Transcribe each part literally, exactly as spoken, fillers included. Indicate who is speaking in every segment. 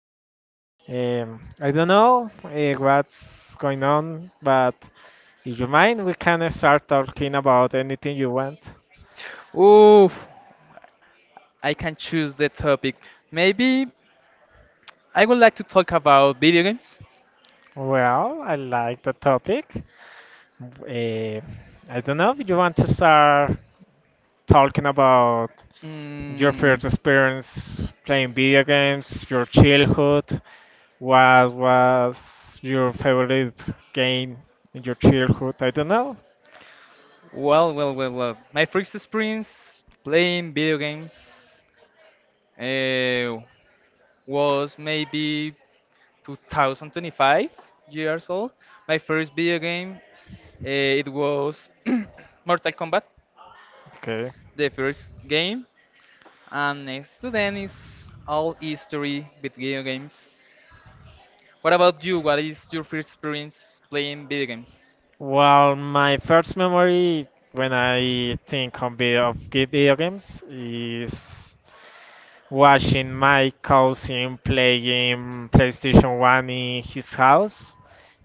Speaker 1: everyone. Um, I don't know uh, what's going on, but if you mind, we can uh, start talking about anything you want.
Speaker 2: Ooh, I can choose the topic. Maybe I would like to talk about video games.
Speaker 1: Well, I like the topic. Uh, I don't know if you want to start talking about your
Speaker 2: Mm,
Speaker 1: first experience playing video games, your childhood. What was your favorite game in your childhood? I don't know.
Speaker 2: well, well, well, well. My first experience playing video games uh, was maybe two thousand twenty-five years old. My first video game, uh, it was Mortal Kombat,
Speaker 1: Okay.
Speaker 2: the first game. And next to then is all history with video games. What about you? What is your first experience playing video games?
Speaker 1: Well, my first memory when I think of video, of ge- video games is watching my cousin playing PlayStation one in his house,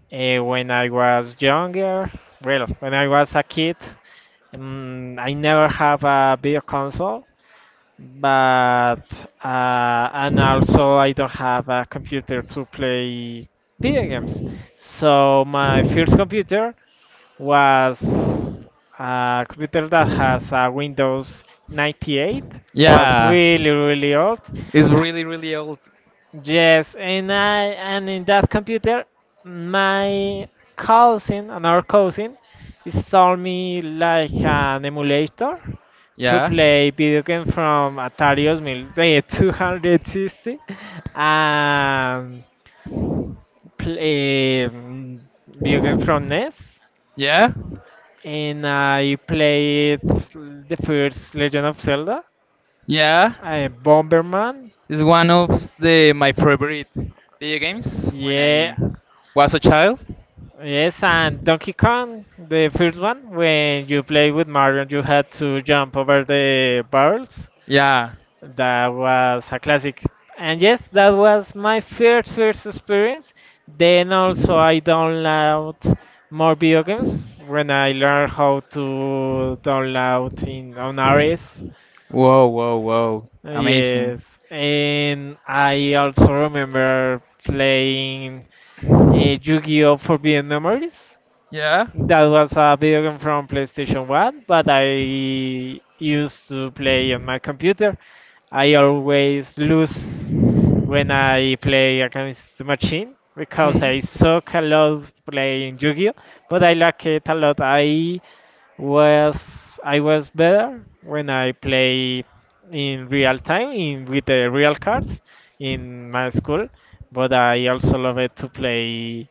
Speaker 1: eh, when I was younger. Well, when I was a kid, mm, I never have a video console, but uh, and also I don't have a computer to play video games. So my first computer was a computer that has a Windows ninety-eight. Yeah, was
Speaker 2: Yeah,
Speaker 1: really, really old.
Speaker 2: it's really, really old.
Speaker 1: Yes, and I and in that computer, my cousin, another cousin, installed me like an emulator to. Yeah,
Speaker 2: Yeah.
Speaker 1: play video game from Atari twenty-two sixty and play um, video game from NES,
Speaker 2: Yeah,
Speaker 1: and I played the first Legend of Zelda,
Speaker 2: yeah.
Speaker 1: Uh, Bomberman,
Speaker 2: It's one of the my favorite video games when
Speaker 1: yeah,
Speaker 2: I was a child.
Speaker 1: yes, and Donkey Kong, the first one, when you play with Mario and you had to jump over the barrels.
Speaker 2: Yeah.
Speaker 1: That was a classic. And yes, that was my first first experience. Then also I download more video games when I learn how to download in on R S.
Speaker 2: Whoa, whoa, whoa. Amazing.
Speaker 1: Yes, and I also remember playing uh, Yu-Gi-Oh! Forbidden Memories.
Speaker 2: Yeah.
Speaker 1: That was a video game from PlayStation one, but I used to play on my computer. I always lose when I play against the machine because I
Speaker 2: Hmm.
Speaker 1: suck a lot playing Yu-Gi-Oh! But I like it a lot. I was I was better when I play in real time in with the real cards in my school, but I also love it to play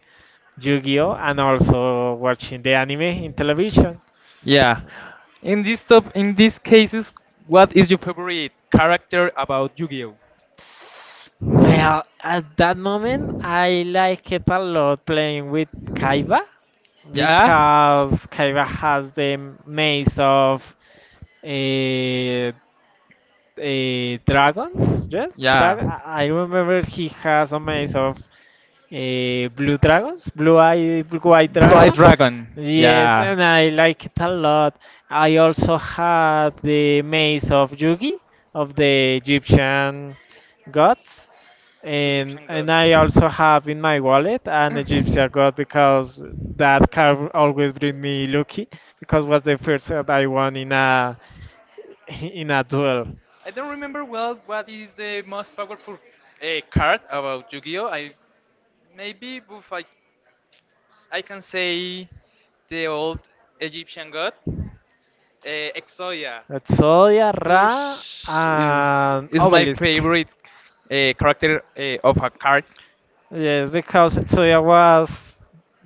Speaker 1: Yu-Gi-Oh and also watching the anime in television.
Speaker 2: Yeah. In this top, in these cases, what is your favorite character about Yu-Gi-Oh?
Speaker 1: Well, at that moment, I like it a lot playing with Kaiba
Speaker 2: Yeah.
Speaker 1: because Kaiba has the maze of uh, uh, dragons. Yes, drag.
Speaker 2: Yeah.
Speaker 1: I I remember he has a maze of uh, blue dragons, blue eye, blue eye
Speaker 2: White
Speaker 1: dragon.
Speaker 2: Dragon.
Speaker 1: Yes,
Speaker 2: Yeah.
Speaker 1: and I like it a lot. I also had the Maze of Yugi of the Egyptian gods,
Speaker 2: The
Speaker 1: and
Speaker 2: Egyptian
Speaker 1: and
Speaker 2: gods.
Speaker 1: I also have in my wallet an Egyptian god because that card always bring me lucky because was the first that I won in a in a duel.
Speaker 2: I don't remember well what is the most powerful uh, card about Yu-Gi-Oh. I Maybe if I I can say the old Egyptian god uh, Exodia.
Speaker 1: That's Solia, Ra,
Speaker 2: Ush is
Speaker 1: and
Speaker 2: is my
Speaker 1: Obelisk.
Speaker 2: favorite uh, character uh, of a card.
Speaker 1: Yes, because Tetsuya was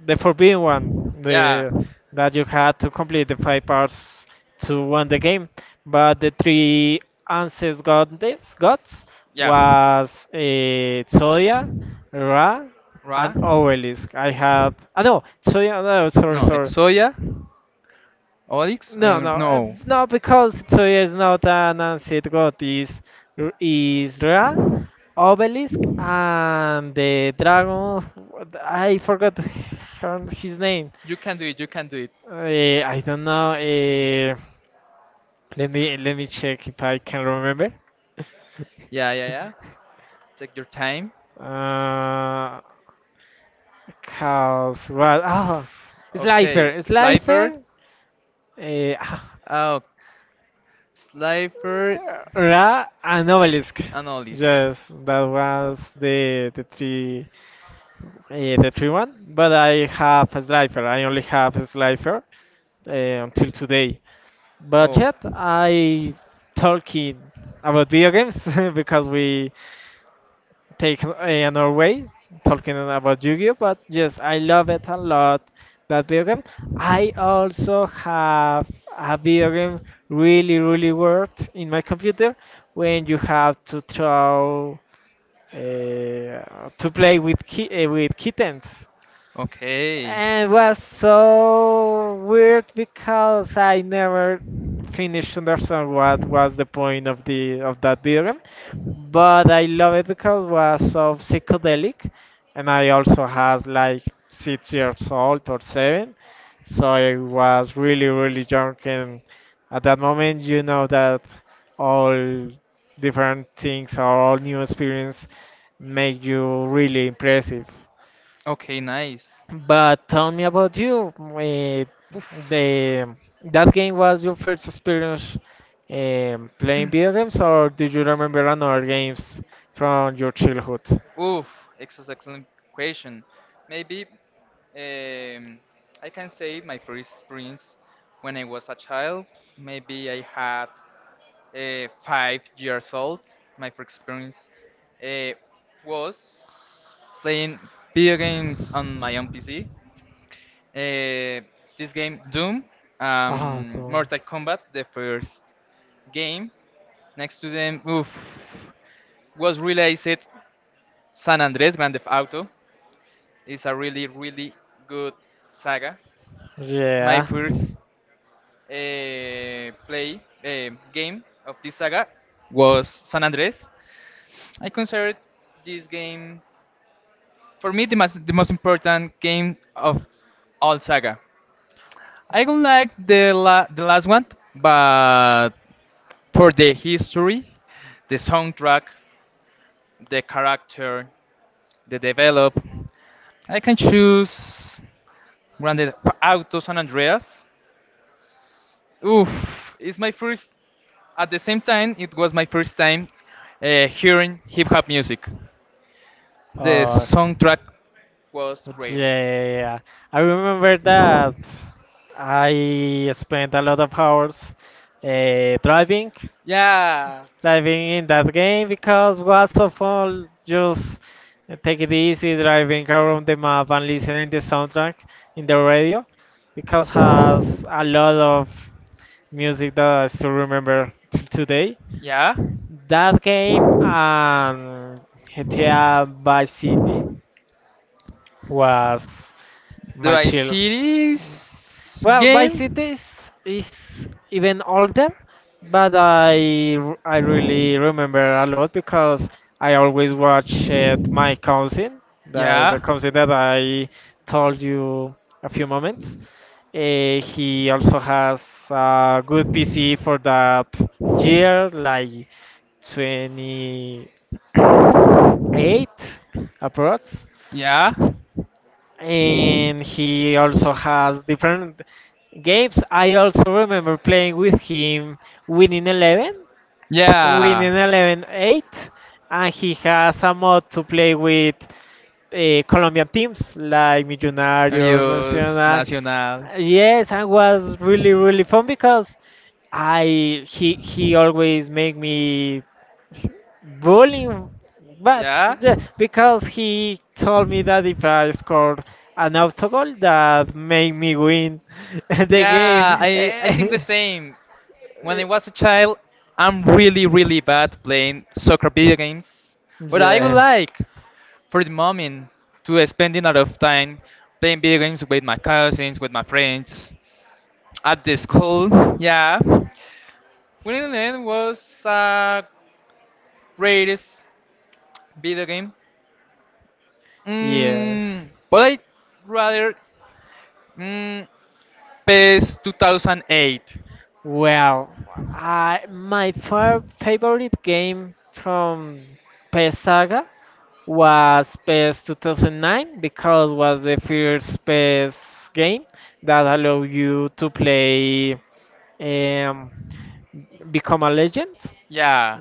Speaker 1: the forbidden one,
Speaker 2: Yeah.
Speaker 1: the that you had to complete the five parts to win the game. But the three ancestors goddess gods
Speaker 2: Yeah.
Speaker 1: was uh, Tsoya, Ra,
Speaker 2: Ra.
Speaker 1: and Obelisk. I had, ah no Tsoya, no, sorry,
Speaker 2: No,
Speaker 1: sorry,
Speaker 2: Exoya. Oryx? I
Speaker 1: no,
Speaker 2: don't
Speaker 1: no, uh,
Speaker 2: know.
Speaker 1: no, because Tsoya is not an ancestor god, is is Ra, Obelisk, and the dragon. what- I forgot her- his name.
Speaker 2: You can do it. You can do it.
Speaker 1: Uh, I don't know. Uh, let me let me check if I can remember.
Speaker 2: Yeah, yeah, yeah. Take your time.
Speaker 1: Uh, Cause what? Oh,
Speaker 2: Okay,
Speaker 1: Slifer,
Speaker 2: Slifer.
Speaker 1: Slifer, uh, ah,
Speaker 2: Oh, Slifer
Speaker 1: Sniper, Ra, and Obelisk. And
Speaker 2: and Olisk.
Speaker 1: yes, that was the the three, uh, the three one. But I have a Slifer. I only have a Slifer uh, until today. But
Speaker 2: Oh,
Speaker 1: yet I talking about video games because we take uh, another way talking about Yu-Gi-Oh. But yes, I love it a lot that video game. I also have a video game really really worked in my computer when you have to throw uh, to play with ki- uh, with kittens.
Speaker 2: okay.
Speaker 1: And it was so weird because I never finished to understand what was the point of the of that video game. But I love it because it was so psychedelic and I also has like six years old or seven. So I was really, really drunk, and at that moment you know that all different things or all new experience make you really impressive.
Speaker 2: Okay, nice.
Speaker 1: But tell me about you. Eh,
Speaker 2: Oof.
Speaker 1: the that game was your first experience um, playing video games, or do you remember another games from your childhood?
Speaker 2: Oof. It's an excellent question. Maybe um, I can say my first experience when I was a child. Maybe I had uh, five years old. My first experience uh, was playing video games on my own P C. Uh, this game, Doom,
Speaker 1: Ah,
Speaker 2: um,
Speaker 1: Doom.
Speaker 2: Mortal Kombat, the first game. Next to them, oof, was released San Andres Grand Theft Auto is a really, really good saga. My
Speaker 1: Yeah.
Speaker 2: first uh, play uh, game of this saga was San Andres. I considered this game, for me, the most, the most important game of all saga. I don't like the la- the last one, but for the history, the soundtrack, the character, the develop. I can choose Grand Theft Auto San Andreas. Oof, it's my first. At the same time, it was my first time uh, hearing hip hop music. The
Speaker 1: Or
Speaker 2: soundtrack was greatest.
Speaker 1: yeah, I remember that. I spent a lot of hours uh, driving
Speaker 2: Yeah,
Speaker 1: driving in that game because was so fun just take it easy driving around the map and listening the soundtrack in the radio because has a lot of music that I still remember till today.
Speaker 2: yeah.
Speaker 1: That game and G T A Vice City was
Speaker 2: Do
Speaker 1: my
Speaker 2: I
Speaker 1: chill.
Speaker 2: see this
Speaker 1: Well, Vice
Speaker 2: game?
Speaker 1: city is, is even older, but I r- I really remember a lot because I always watch it, my cousin, the,
Speaker 2: Yeah.
Speaker 1: the cousin that I told you a few moments. Uh, he also has a good P C for that year, like twenty-eight approximately
Speaker 2: Yeah.
Speaker 1: And he also has different games. I also remember playing with him Winning Eleven,
Speaker 2: Yeah.
Speaker 1: Winning eleven eight, and he has a mod to play with uh, Colombian teams like Millonarios,
Speaker 2: News
Speaker 1: Nacional.
Speaker 2: Nacional.
Speaker 1: Yes, and was really really fun because I he he always make me bullying, but
Speaker 2: Yeah.
Speaker 1: yeah, because he told me that if I scored an autogol that made me win the game.
Speaker 2: Yeah, I I think the
Speaker 1: Eh,
Speaker 2: same. When I was a child, I'm really really bad playing soccer video games, but I would
Speaker 1: yeah.
Speaker 2: like, for the moment, to spend a lot of time playing video games with my cousins, with my friends, at the school. Yeah, Winning was a greatest video game.
Speaker 1: Yes.
Speaker 2: Mm, but I rather mm, P E S two thousand eight.
Speaker 1: Well, I my fir- favorite game from P S Saga was PES two thousand nine because was the first PES game that allowed you to play um, become a legend,
Speaker 2: Yeah.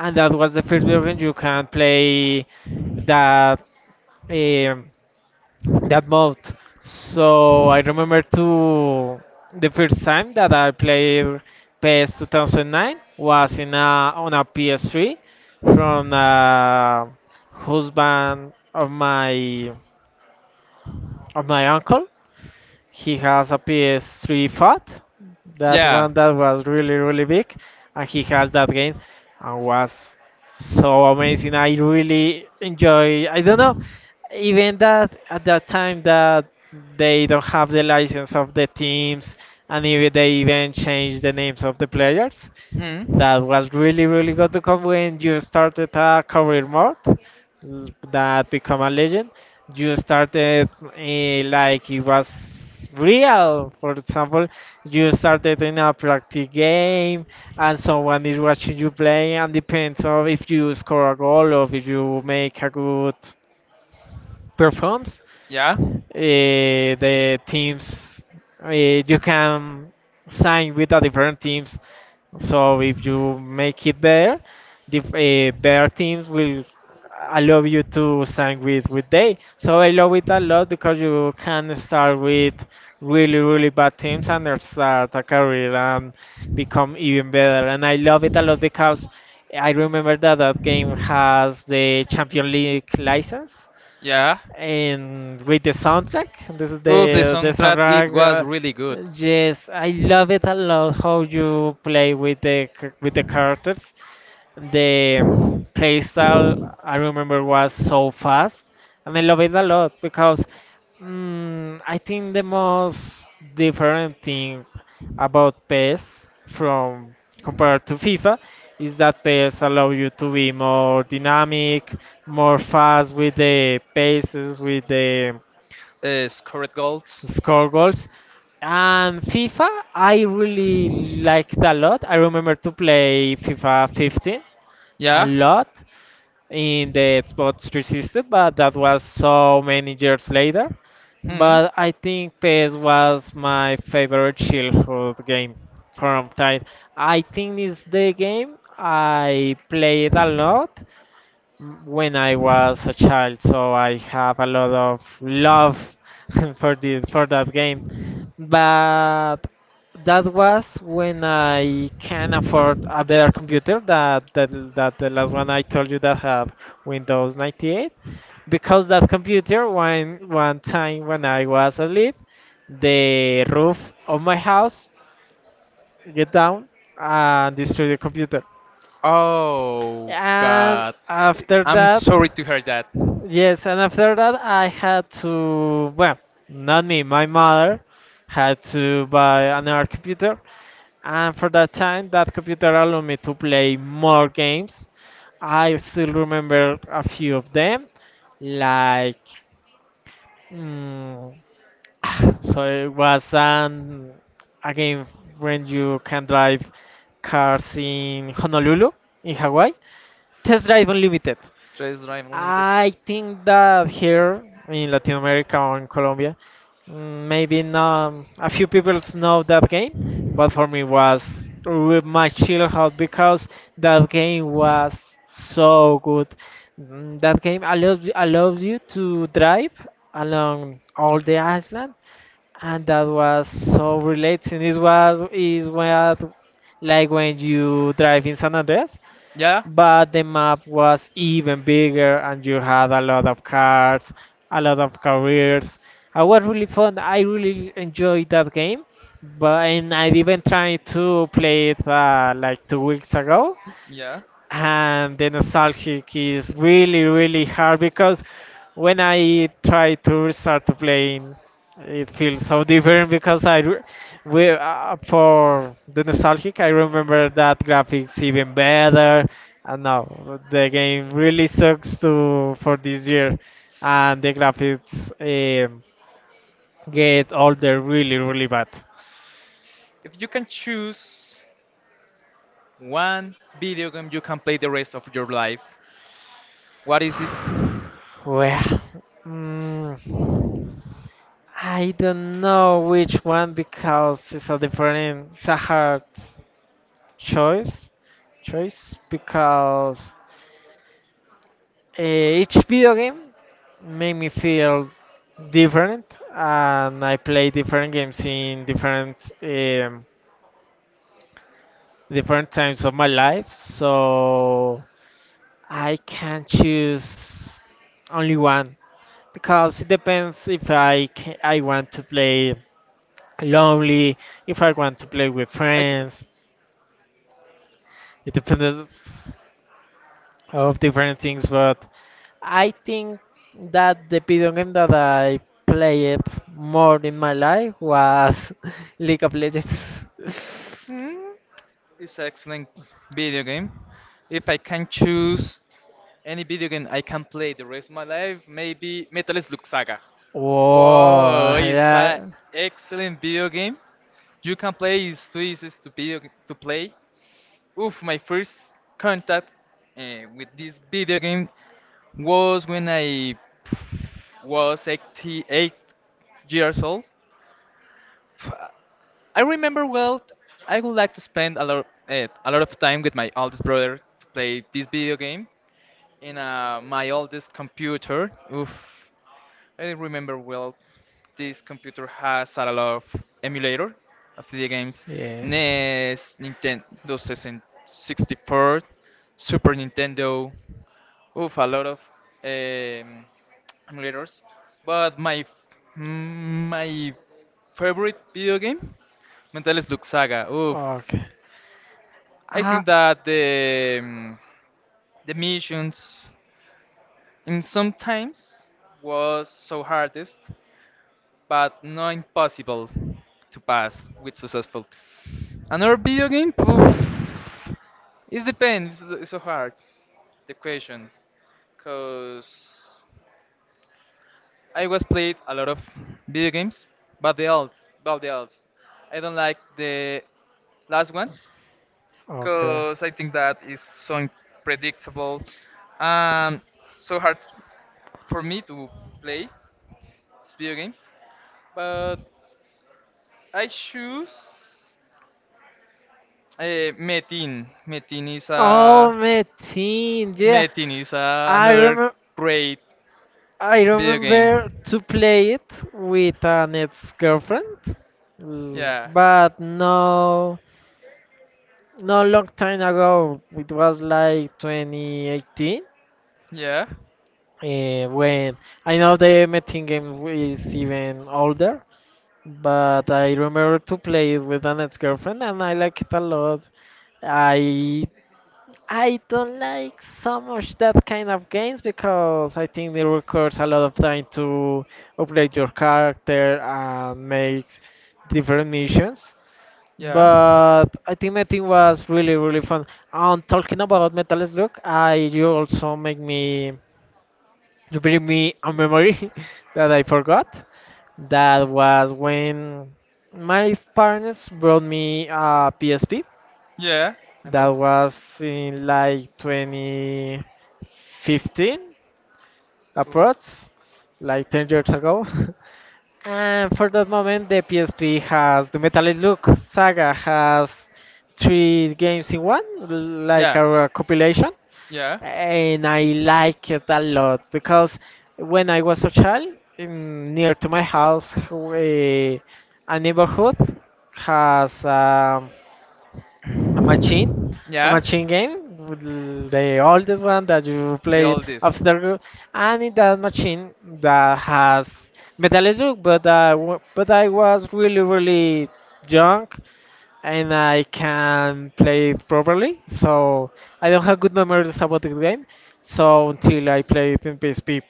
Speaker 1: and that was the first version you can play that um, that mode. So I remember to the first time that I played PES two thousand nine was in a on a P S three from a husband of my of my uncle. He has a P S three Fat, that
Speaker 2: Yeah.
Speaker 1: one that was really really big, and he has that game, and was so amazing. I really enjoy. I don't know, even that at that time that they don't have the license of the teams, and even they even change the names of the players,
Speaker 2: Hmm.
Speaker 1: that was really really good because when you started a career mode, l- that become a legend, you started, eh, like it was real. For example, you started in a practice game and someone is watching you play and depends on if you score a goal or if you make a good performance,
Speaker 2: Yeah.
Speaker 1: eh, the teams, eh, you can sign with the different teams, so if you make it there, the uh, their teams will allow you to sign with with they. So I love it a lot because you can start with really really bad teams and then start a career and become even better. And I love it a lot because I remember that that game has the Champions League license
Speaker 2: Yeah.
Speaker 1: and with the soundtrack, this is
Speaker 2: Oof, the
Speaker 1: the the
Speaker 2: soundtrack it
Speaker 1: soundtrack,
Speaker 2: was
Speaker 1: uh,
Speaker 2: really good.
Speaker 1: yes, I love it a lot how you play with the c- with the characters, the playstyle. I remember was so fast, and I love it a lot because mm, I think the most different thing about PES from compared to FIFA is that PES allow you to be more dynamic, more fast with the paces, with the
Speaker 2: Uh, scored goals.
Speaker 1: score goals. And FIFA, I really liked a lot. I remember to play FIFA fifteen a
Speaker 2: Yeah.
Speaker 1: lot in the Xbox three sixty, but that was so many years later.
Speaker 2: Hmm.
Speaker 1: But I think PES was my favorite childhood game from time. I think it's the game I played a lot when I was a child, so I have a lot of love for the for that game, but that was when I can afford a better computer that that that the last one I told you that had Windows ninety-eight, because that computer one one time when I was asleep the roof of my house get down and destroy the computer,
Speaker 2: Oh
Speaker 1: and
Speaker 2: God.
Speaker 1: after
Speaker 2: I'm
Speaker 1: that,
Speaker 2: sorry to hear that.
Speaker 1: yes, and after that I had to, well, not me, my mother, had to buy another computer. And for that time, that computer allowed me to play more games. I still remember a few of them, like, mm, so it was an a game when you can drive cars in Honolulu, in Hawaii. Test Drive Unlimited.
Speaker 2: Just Drive Unlimited.
Speaker 1: I think that here in Latin America or in Colombia, Mm, maybe not um, a few people know that game, but for me was re- my chill out because that game was so good. Mm, That game allows allows you to drive along all the island, and that was so relaxing. It was is what like when you drive in San Andreas,
Speaker 2: Yeah.
Speaker 1: but the map was even bigger and you had a lot of cars, a lot of careers. It was really fun. I really enjoyed that game, but and I even tried to play it uh, like two weeks ago,
Speaker 2: Yeah.
Speaker 1: and the nostalgic is really really hard because when I try to start to playing, it feels so different because I re- we, uh, for the nostalgic I remember that graphics even better, and now the game really sucks to for this year, and the graphics um, get older really really bad.
Speaker 2: If you can choose one video game you can play the rest of your life, what is it?
Speaker 1: Well. mm, I don't know which one because it's a different, it's a hard choice, choice because uh, each video game made me feel different, and I play different games in different um, different times of my life, so I can choose only one because it depends if I ca- I want to play lonely, if I want to play with friends. It depends of different things, but I think that the video game that I played more in my life was League of Legends.
Speaker 2: Mm, it's an excellent video game. If I can choose any video game I can play the rest of my life, maybe Metal Slug Saga.
Speaker 1: Oh,
Speaker 2: Whoa, it's an
Speaker 1: yeah.
Speaker 2: excellent video game. You can play, it's too easy to, be, to play. Oof, my first contact uh, with this video game was when I was eighty, eight years old. F- I remember well. I would like to spend a lot, eh, a lot of time with my oldest brother to play this video game in uh, my oldest computer. Oof, I remember well. This computer has a lot of emulator of video games:
Speaker 1: Yeah.
Speaker 2: N E S, Nintendo sixty-four, Super Nintendo. Oof, a lot of. Um, emulators, but my f- mm, my favorite video game, Metal Slug Saga. Oof,
Speaker 1: Okay.
Speaker 2: I
Speaker 1: Ah.
Speaker 2: think that the mm, the missions in sometimes was so hardest, but not impossible to pass with successful. Another video game, oof, it depends. It's so hard the question, cause. I was played a lot of video games, but they all, but they all, I don't like the last ones because I think that is so unpredictable, um, so hard for me to play video games. But I choose uh, Metin. Metin is
Speaker 1: Oh,
Speaker 2: a
Speaker 1: Metin, yeah.
Speaker 2: Metin is a,
Speaker 1: I
Speaker 2: another
Speaker 1: remember
Speaker 2: great
Speaker 1: I
Speaker 2: video game.
Speaker 1: remember to play it with an ex-girlfriend, l-
Speaker 2: Yeah,
Speaker 1: but no, no long time ago. It was like twenty eighteen,
Speaker 2: yeah.
Speaker 1: eh, when I know the Metin game is even older, but I remember to play it with an ex-girlfriend and I like it a lot. I I don't like so much that kind of games because I think it requires a lot of time to upgrade your character and make different missions.
Speaker 2: Yeah.
Speaker 1: But I think my team was really really fun. And talking about Metal Slug, I you also make me you bring me a memory that I forgot. That was when my parents brought me a P S P.
Speaker 2: Yeah, I
Speaker 1: That
Speaker 2: know.
Speaker 1: was in like twenty fifteen,
Speaker 2: Oof.
Speaker 1: approx, like ten years ago. And for that moment, the P S P has the Metallic Look Saga has three games in one, like
Speaker 2: Yeah.
Speaker 1: a compilation,
Speaker 2: Yeah.
Speaker 1: and I like it a lot because when I was a child, in, near to my house, we, a neighborhood has um, a machine, a
Speaker 2: Yeah.
Speaker 1: machine game, with l- the oldest one that you
Speaker 2: The
Speaker 1: play it
Speaker 2: oldest.
Speaker 1: after, you- and in that machine that has Metal Slug, but I, wa- but I was really really young and I can play it properly. So I don't have good memories about the game. So until I play it in P S P,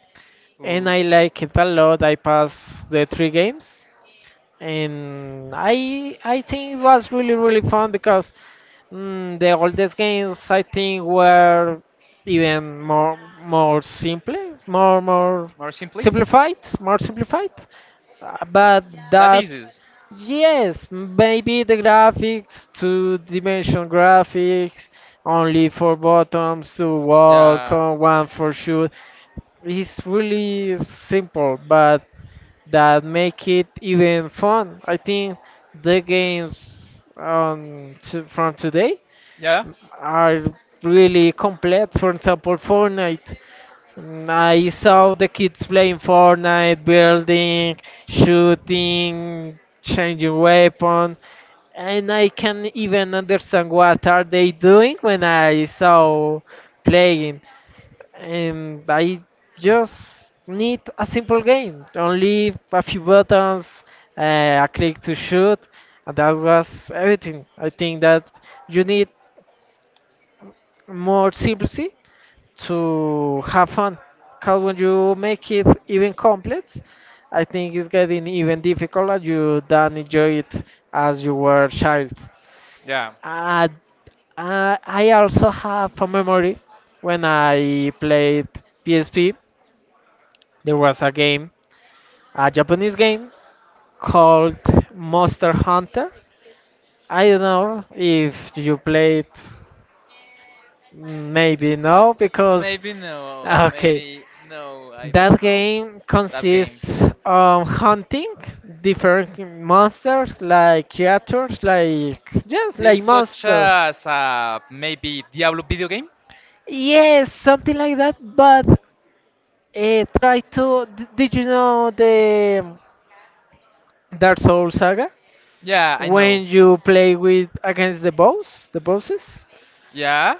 Speaker 1: and I
Speaker 2: Oosh.
Speaker 1: like it a lot. I passed the three games, and I I think it was really really fun because mm, the oldest games I think were even more more simple, more more
Speaker 2: More simply?
Speaker 1: simplified, more simplified. Uh, But
Speaker 2: That
Speaker 1: that
Speaker 2: is. It.
Speaker 1: Yes, maybe the graphics, two-dimension graphics, only four buttons to walk,
Speaker 2: Yeah.
Speaker 1: uh, one for shoot. It's really simple, but that make it even fun. I think the games um, to, from today
Speaker 2: Yeah.
Speaker 1: are really complex. For example, Fortnite. Mm, I saw the kids playing Fortnite, building, shooting, changing weapon, and I can even understand what are they doing when I saw playing. And I just need a simple game, only a few buttons, uh, a click to shoot, and that was everything. I think that you need more simplicity to have fun. Because when you make it even complex, I think it's getting even difficult and you don't enjoy it as you were a child.
Speaker 2: Yeah.
Speaker 1: Uh, uh, I also have a memory when I played P S P. There was a game, a Japanese game called Monster Hunter. I don't know if you played, maybe no, because
Speaker 2: Maybe no, ah,
Speaker 1: okay.
Speaker 2: no, I don't
Speaker 1: That
Speaker 2: know
Speaker 1: game
Speaker 2: that game.
Speaker 1: consists of hunting different monsters, like creatures, like just
Speaker 2: It's
Speaker 1: like
Speaker 2: such
Speaker 1: monsters.
Speaker 2: as uh, maybe Diablo video game?
Speaker 1: Yes, something like that. But uh, try to. d- Did you know the Dark Souls saga?
Speaker 2: Yeah, I
Speaker 1: When
Speaker 2: know.
Speaker 1: you play with against the boss, the bosses,
Speaker 2: Yeah?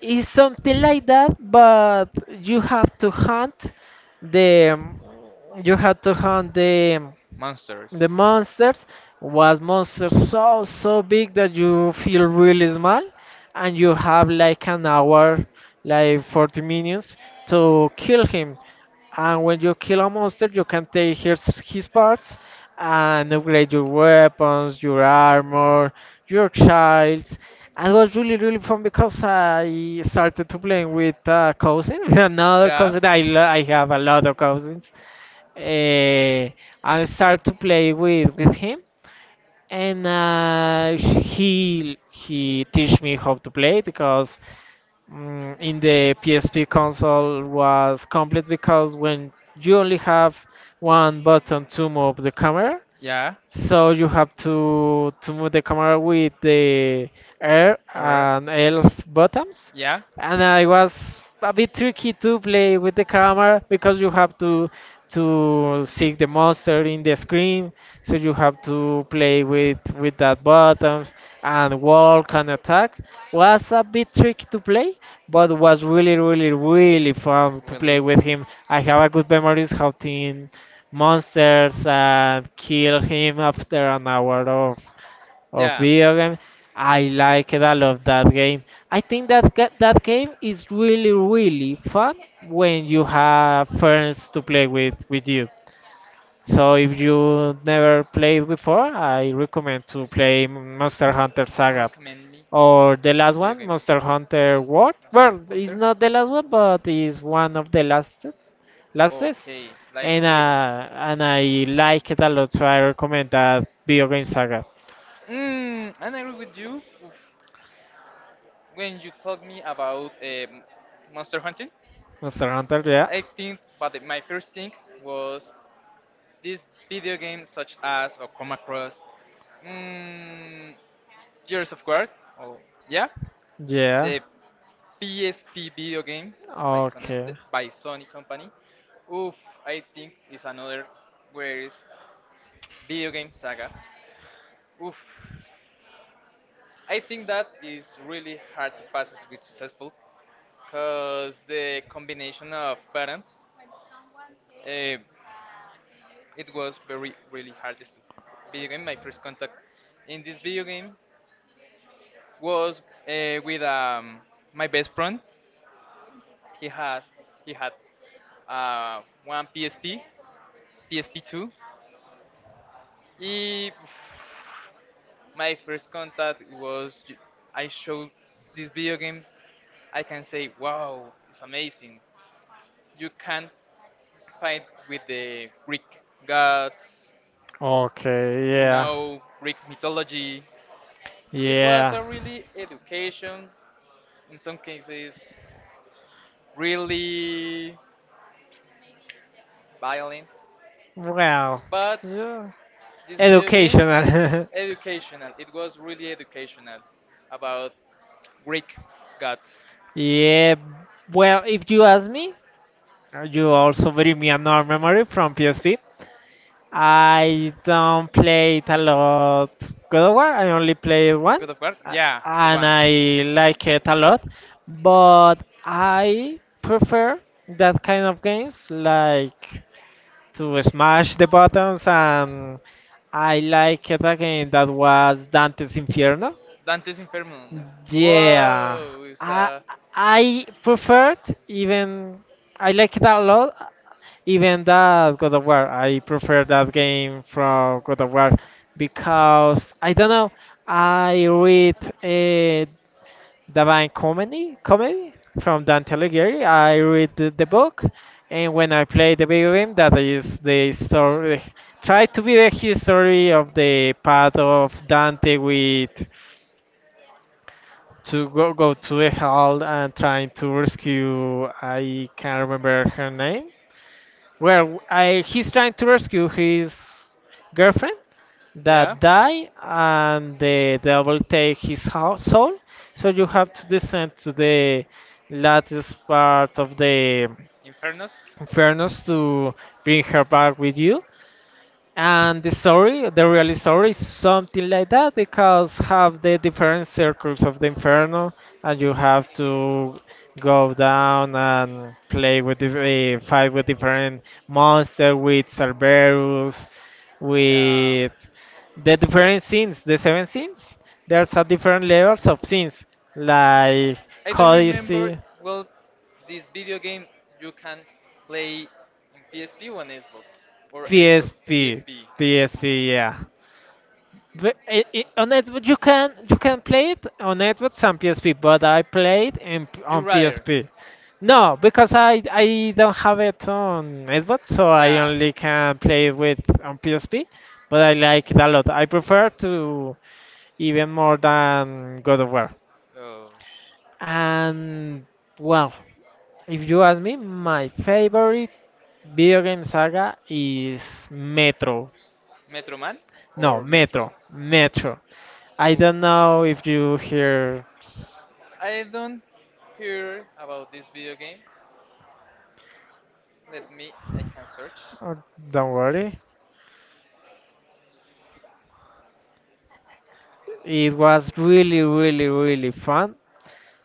Speaker 1: it's something like that. But you have to hunt the. You have to hunt the the
Speaker 2: Monsters.
Speaker 1: monsters, was monsters so so big that you feel really small and you have like an hour, like forty minutes, to kill him. And when you kill a monster you can take his his parts and upgrade your weapons, your armor, your shields. And it was really really fun because I started to play with a cousin with another
Speaker 2: Yeah.
Speaker 1: cousin. i, lo- I have a lot of cousins uh, I start to play with with him, and uh, he he teach me how to play because mm in the P S P console was complete because when you only have one button to move the camera,
Speaker 2: Yeah.
Speaker 1: so you have to to move the camera with the R
Speaker 2: Alright.
Speaker 1: and L buttons.
Speaker 2: Yeah.
Speaker 1: And uh, it was a bit tricky to play with the camera because you have to to seek the monster in the screen, so you have to play with with that buttons and walk and attack. Was a bit tricky to play, but was really really really fun to play with him. I have a good memories hunting monsters and kill him after an hour of of
Speaker 2: Yeah.
Speaker 1: video game. I like it. I love that game. I think that ga- that game is really really fun when you have friends to play with with you. So if you never played before, I recommend to play Monster Hunter
Speaker 2: Or
Speaker 1: Saga
Speaker 2: recommend me
Speaker 1: or the
Speaker 2: this
Speaker 1: last
Speaker 2: video
Speaker 1: one,
Speaker 2: game.
Speaker 1: Monster Hunter World.
Speaker 2: Monster
Speaker 1: Well, it's
Speaker 2: Hunter.
Speaker 1: not the last one, but it's one of the lastest. Lastest,
Speaker 2: Okay, like
Speaker 1: and
Speaker 2: latest.
Speaker 1: uh, and I like it a lot, so I recommend that video game saga.
Speaker 2: Mm, and I agree with you when you told me about um, monster hunting.
Speaker 1: Monster Hunter, yeah.
Speaker 2: I think, but the- my first thing was these video games such as or come across mm, Gears of War. Oh, yeah,
Speaker 1: Yeah.
Speaker 2: the P S P video game by Sony st-
Speaker 1: Okay.
Speaker 2: by Sony Company. Oof, I think is another greatest video game saga. Oof, I think that is really hard to pass with successful because the combination of buttons, uh, it was very really hard to video game. My first contact in this video game was uh, with um, my best friend. He has he had uh, one P S P, P S P two. He, my first contact was ju- I showed this video game. I can say, wow, it's amazing. You can fight with the Greek gods,
Speaker 1: Okay,
Speaker 2: to
Speaker 1: yeah.
Speaker 2: know Greek mythology. It was
Speaker 1: Yeah.
Speaker 2: a really education, in some cases, really violent.
Speaker 1: Well,
Speaker 2: But
Speaker 1: yeah.
Speaker 2: this video game,
Speaker 1: Educational.
Speaker 2: educational. It was really educational about Greek gods.
Speaker 1: Yeah, well, if you ask me, uh, you also bring me a another memory from P S P. I don't play it a lot. God of War, I only played one,
Speaker 2: God of War?
Speaker 1: uh,
Speaker 2: Yeah, the
Speaker 1: and
Speaker 2: one.
Speaker 1: I like it a lot, but I prefer that kind of games like to smash the buttons. And I like it a game that was Dante's
Speaker 2: Dante's
Speaker 1: Inferno.
Speaker 2: Inferno. Dante's Inferno.
Speaker 1: Yeah,
Speaker 2: Whoa, it's
Speaker 1: I
Speaker 2: a I
Speaker 1: I preferred, even, I like it a lot. Even that God of War, I prefer that game from God of War because I don't know. I read a Divine Comedy, comedy from Dante Alighieri. I read the, the book, and when I play the video game, that is the story. Try to be the history of the path of Dante with to go go to a hall and trying to rescue, I can't remember her name. Well, I he's trying to rescue his girlfriend that die and the devil take his hou- soul. So you have to descend to the latest part of the
Speaker 2: Infernos. Infernos.
Speaker 1: furnace to bring her back with you. And the story, the real story, is something like that, because have the different circles of the inferno, and you have to go down and play with the uh, fight with different monsters, with Cerberus, with the different scenes, the seven scenes. There's a different levels of scenes like Codice,
Speaker 2: Well, this video game you can play in P S P or on Xbox.
Speaker 1: P S P, P S P, yeah. But it, it, on Xbox you can you can play it on Xbox and P S P, but I played in,
Speaker 2: You
Speaker 1: on
Speaker 2: rather?
Speaker 1: P S P. No,
Speaker 2: P S P.
Speaker 1: because I I don't have it on Xbox, so I only can play it with on P S P. But I like it a lot. I prefer to, even more than God of War.
Speaker 2: Oh, sh-
Speaker 1: And well, if you ask me, my favorite video game saga is Metro.
Speaker 2: Metro Man or
Speaker 1: No,
Speaker 2: Metro? Metro?
Speaker 1: Metro, Metro. I
Speaker 2: Oof.
Speaker 1: don't know if you hear.
Speaker 2: I don't hear about this video game. Let me, I can search.
Speaker 1: Oh, don't worry. It was really, really, really fun.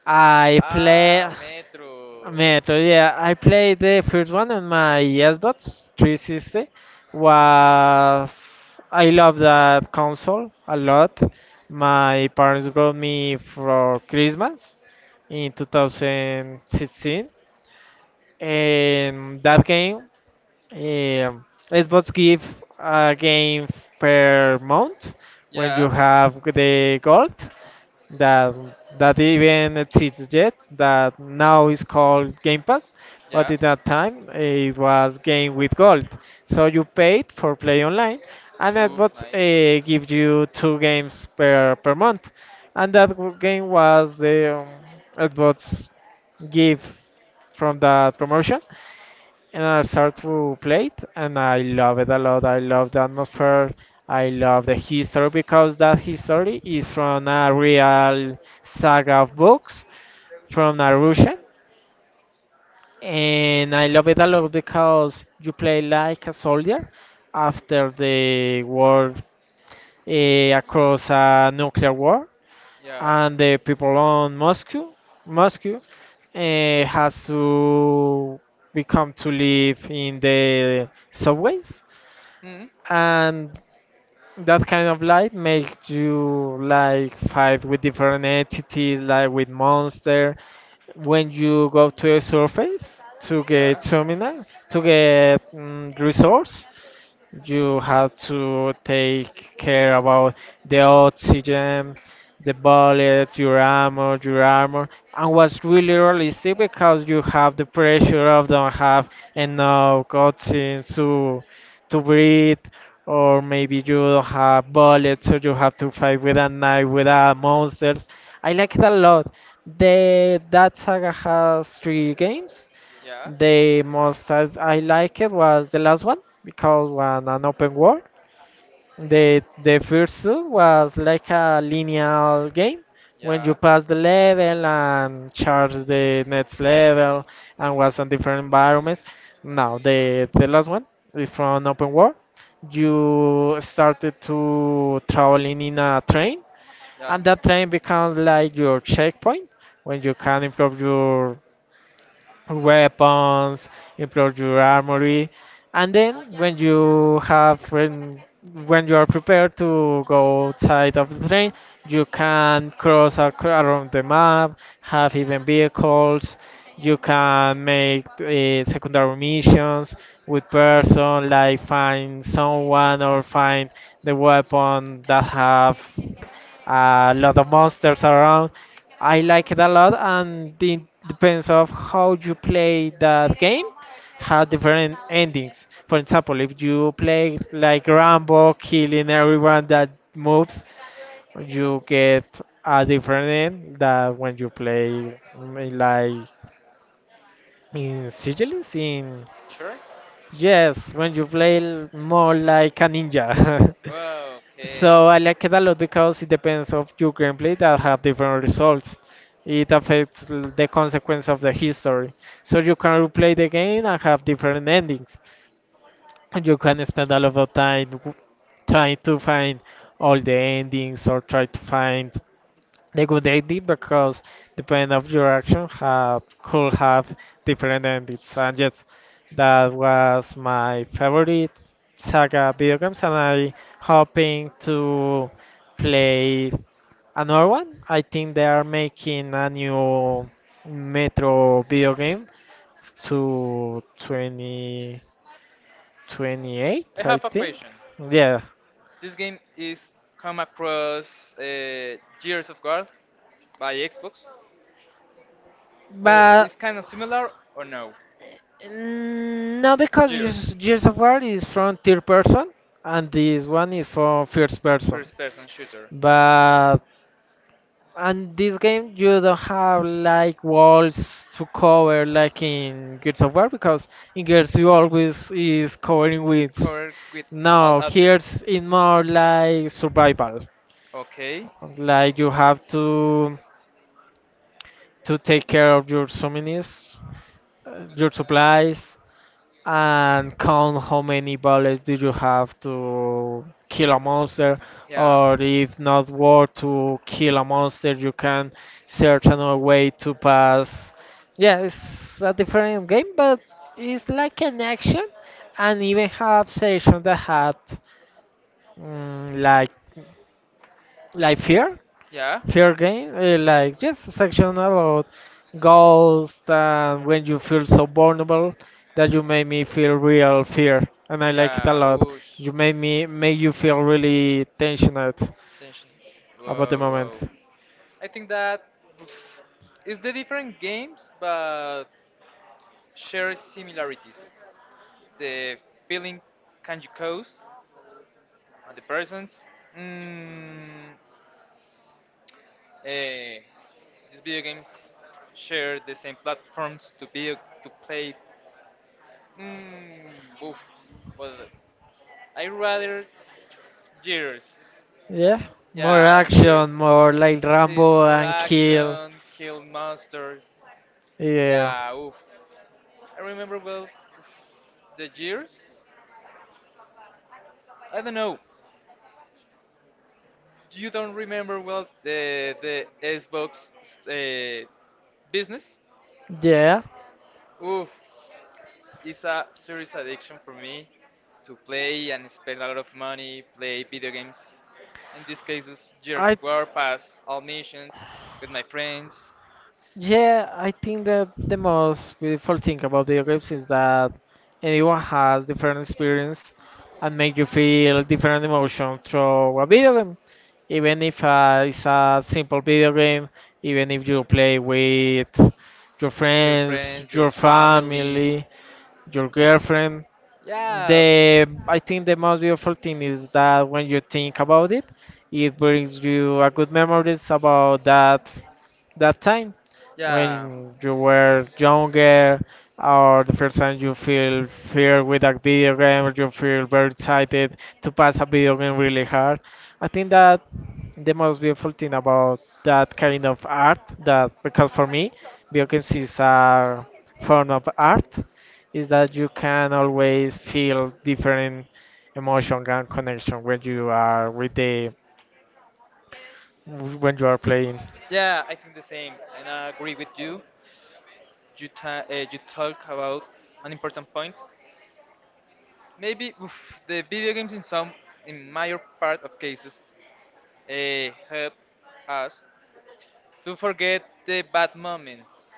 Speaker 1: I
Speaker 2: Ah,
Speaker 1: play
Speaker 2: Metro.
Speaker 1: Metro. Yeah, I played the first one on my Xbox three sixty. Was I love that console a lot. My parents brought me for Christmas in two thousand sixteen, and that game. Um, Xbox give a game per month when
Speaker 2: Yeah.
Speaker 1: you have the gold, that that even exists yet, that now is called Game Pass,
Speaker 2: Yeah.
Speaker 1: but at that time it was game with gold. So you paid for play online, and
Speaker 2: Oof,
Speaker 1: Xbox
Speaker 2: nice.
Speaker 1: uh, give you two games per per month, and that w- game was the um, Xbox give from that promotion. And I start to play it, and I love it a lot. I love the atmosphere. I love the history because that history is from a real saga of books from a Russian, and I love it a lot because you play like a soldier after the war, eh, across a nuclear war,
Speaker 2: Yeah.
Speaker 1: and the people on Moscow, Moscow, eh, has to become to live in the subways.
Speaker 2: Hmm.
Speaker 1: And that kind of light makes you like fight with different entities, like with monster when you go to a surface to
Speaker 2: Yeah.
Speaker 1: get terminal to get mm resource. You have to take care about the oxygen, the bullet, your armor, your armor, and what's really realistic because you have the pressure of don't have enough oxygen to to breathe, or maybe you don't have bullets, so you have to fight with a knife, with a monsters. I like it a lot. The that saga has three games,
Speaker 2: Yeah.
Speaker 1: the most I, I liked was the last one because was an open world. The the first two was like a linear game. When
Speaker 2: Yeah.
Speaker 1: you pass the level and charge the next level and was on different environments. Now the the last one is from open world. You started to traveling in a train,
Speaker 2: Yeah.
Speaker 1: and that train becomes like your checkpoint when you can improve your weapons, improve your armory, and then when you have when when you are prepared to go outside of the train, you can cross ac- around the map, have even vehicles. You can make uh, secondary missions with person, like find someone or find the weapon that have a lot of monsters around. I like it a lot, and it depends of how you play that game. Have different endings. For example, if you play like Rambo, killing everyone that moves, you get a different end that when you play mm, like in Sigilis. In
Speaker 2: Sure.
Speaker 1: yes, when you play l- more like a ninja.
Speaker 2: Wow, okay.
Speaker 1: So I like it a lot because it depends of your gameplay that have different results. It affects l- the consequence of the history. So you can replay the game and have different endings. And you can spend a lot of time w- trying to find all the endings or try to find a good idea because depending of your action have could have different endings. And yes, that was my favorite saga video games, and I hoping to play another one. I think they are making a new Metro video game to twenty twenty-eight, I
Speaker 2: I have a
Speaker 1: think.
Speaker 2: question.
Speaker 1: Yeah.
Speaker 2: This game is come across uh, Gears of War by Xbox. Or it's
Speaker 1: But.
Speaker 2: kind of similar or no?
Speaker 1: Mm, no, because
Speaker 2: Gears,
Speaker 1: Gears Gears of War is from third person and this one is from first
Speaker 2: first
Speaker 1: person.
Speaker 2: person shooter.
Speaker 1: But and this game you don't have like walls to cover like in Gears of War, because in Gears you always is covering with.
Speaker 2: Covered with all
Speaker 1: No,
Speaker 2: objects.
Speaker 1: here's in more like survival.
Speaker 2: Okay.
Speaker 1: Like you have to to take care of your souvenirs, uh, your supplies, and count how many bullets do you have to kill a monster,
Speaker 2: Yeah.
Speaker 1: or if not work to kill a monster you can search another way to pass. Yeah, it's a different game, but it's like an action, and even have sections that had mm, like like fear.
Speaker 2: Yeah.
Speaker 1: Fear game, uh, like just a section about ghosts, and when you feel so vulnerable that you made me feel real fear, and I like it
Speaker 2: Yeah.
Speaker 1: a lot.
Speaker 2: Whoosh.
Speaker 1: You made me made you feel really tensioned
Speaker 2: Tension. Whoa,
Speaker 1: about the
Speaker 2: whoa.
Speaker 1: moment.
Speaker 2: I think that oof, it's the different games, but share similarities. The feeling can you cause on the persons. Mm, Uh, these video games share the same platforms to be to play. Mm, oof. Well, I rather Gears.
Speaker 1: Yeah, more
Speaker 2: Yeah,
Speaker 1: action,
Speaker 2: Gears
Speaker 1: more like
Speaker 2: is
Speaker 1: Rambo
Speaker 2: more
Speaker 1: and kill.
Speaker 2: action, kill monsters.
Speaker 1: Yeah,
Speaker 2: Yeah, oof. I remember well oof, the Gears. I don't know. You don't remember well the the Xbox uh, business?
Speaker 1: yeah.
Speaker 2: Oof, it's a serious addiction for me to play and spend a lot of money, play video games. In these cases, years of
Speaker 1: I
Speaker 2: War, pass all missions with my friends.
Speaker 1: yeah, I think that the most beautiful thing about video games is that anyone has different experience and make you feel different emotions through a video game. Even if uh, it's a simple video game, even if you play with your
Speaker 2: Your friends,
Speaker 1: friends,
Speaker 2: your
Speaker 1: your
Speaker 2: family.
Speaker 1: family, your girlfriend.
Speaker 2: Yeah.
Speaker 1: The I think the most beautiful thing is that when you think about it, it brings you a good memories about that that time
Speaker 2: Yeah.
Speaker 1: when you were younger or the first time you feel fear with a video game or you feel very excited to pass a video game really hard. I think that the most beautiful thing about that kind of art, that because for me video games is a form of art, is that you can always feel different emotion and connection when you are with the when you are playing.
Speaker 2: Yeah, I think the same, and I agree with you. You, ta- uh, you talk about an important point. Maybe oof, the video games, in some, in major part of cases, uh, help us to forget the bad moments.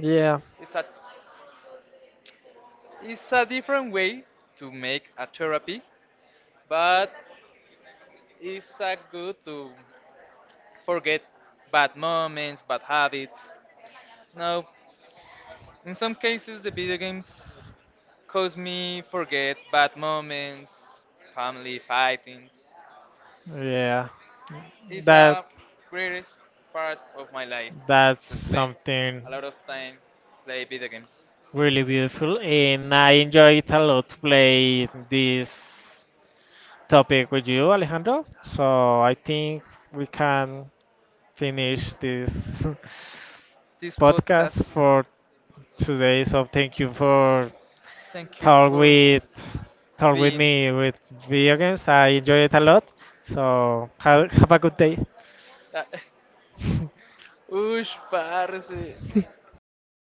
Speaker 1: Yeah,
Speaker 2: It's a, it's a different way to make a therapy but it's a good to forget bad moments, bad habits. Now, in some cases, the video games cause me forget bad moments, family fightings.
Speaker 1: yeah,
Speaker 2: It's a
Speaker 1: that
Speaker 2: greatest part of my life to
Speaker 1: that's
Speaker 2: spend a
Speaker 1: something
Speaker 2: lot of time play video games.
Speaker 1: really beautiful, and I enjoy it a lot to play this topic with you, Alejandro. So I think we can finish this
Speaker 2: This podcast,
Speaker 1: podcast for today. So thank you for
Speaker 2: thank you
Speaker 1: talk
Speaker 2: for
Speaker 1: with talk
Speaker 2: being.
Speaker 1: with me with video games. I enjoy it a lot. So have, have a good day.
Speaker 2: Ush, parce. De quanto fez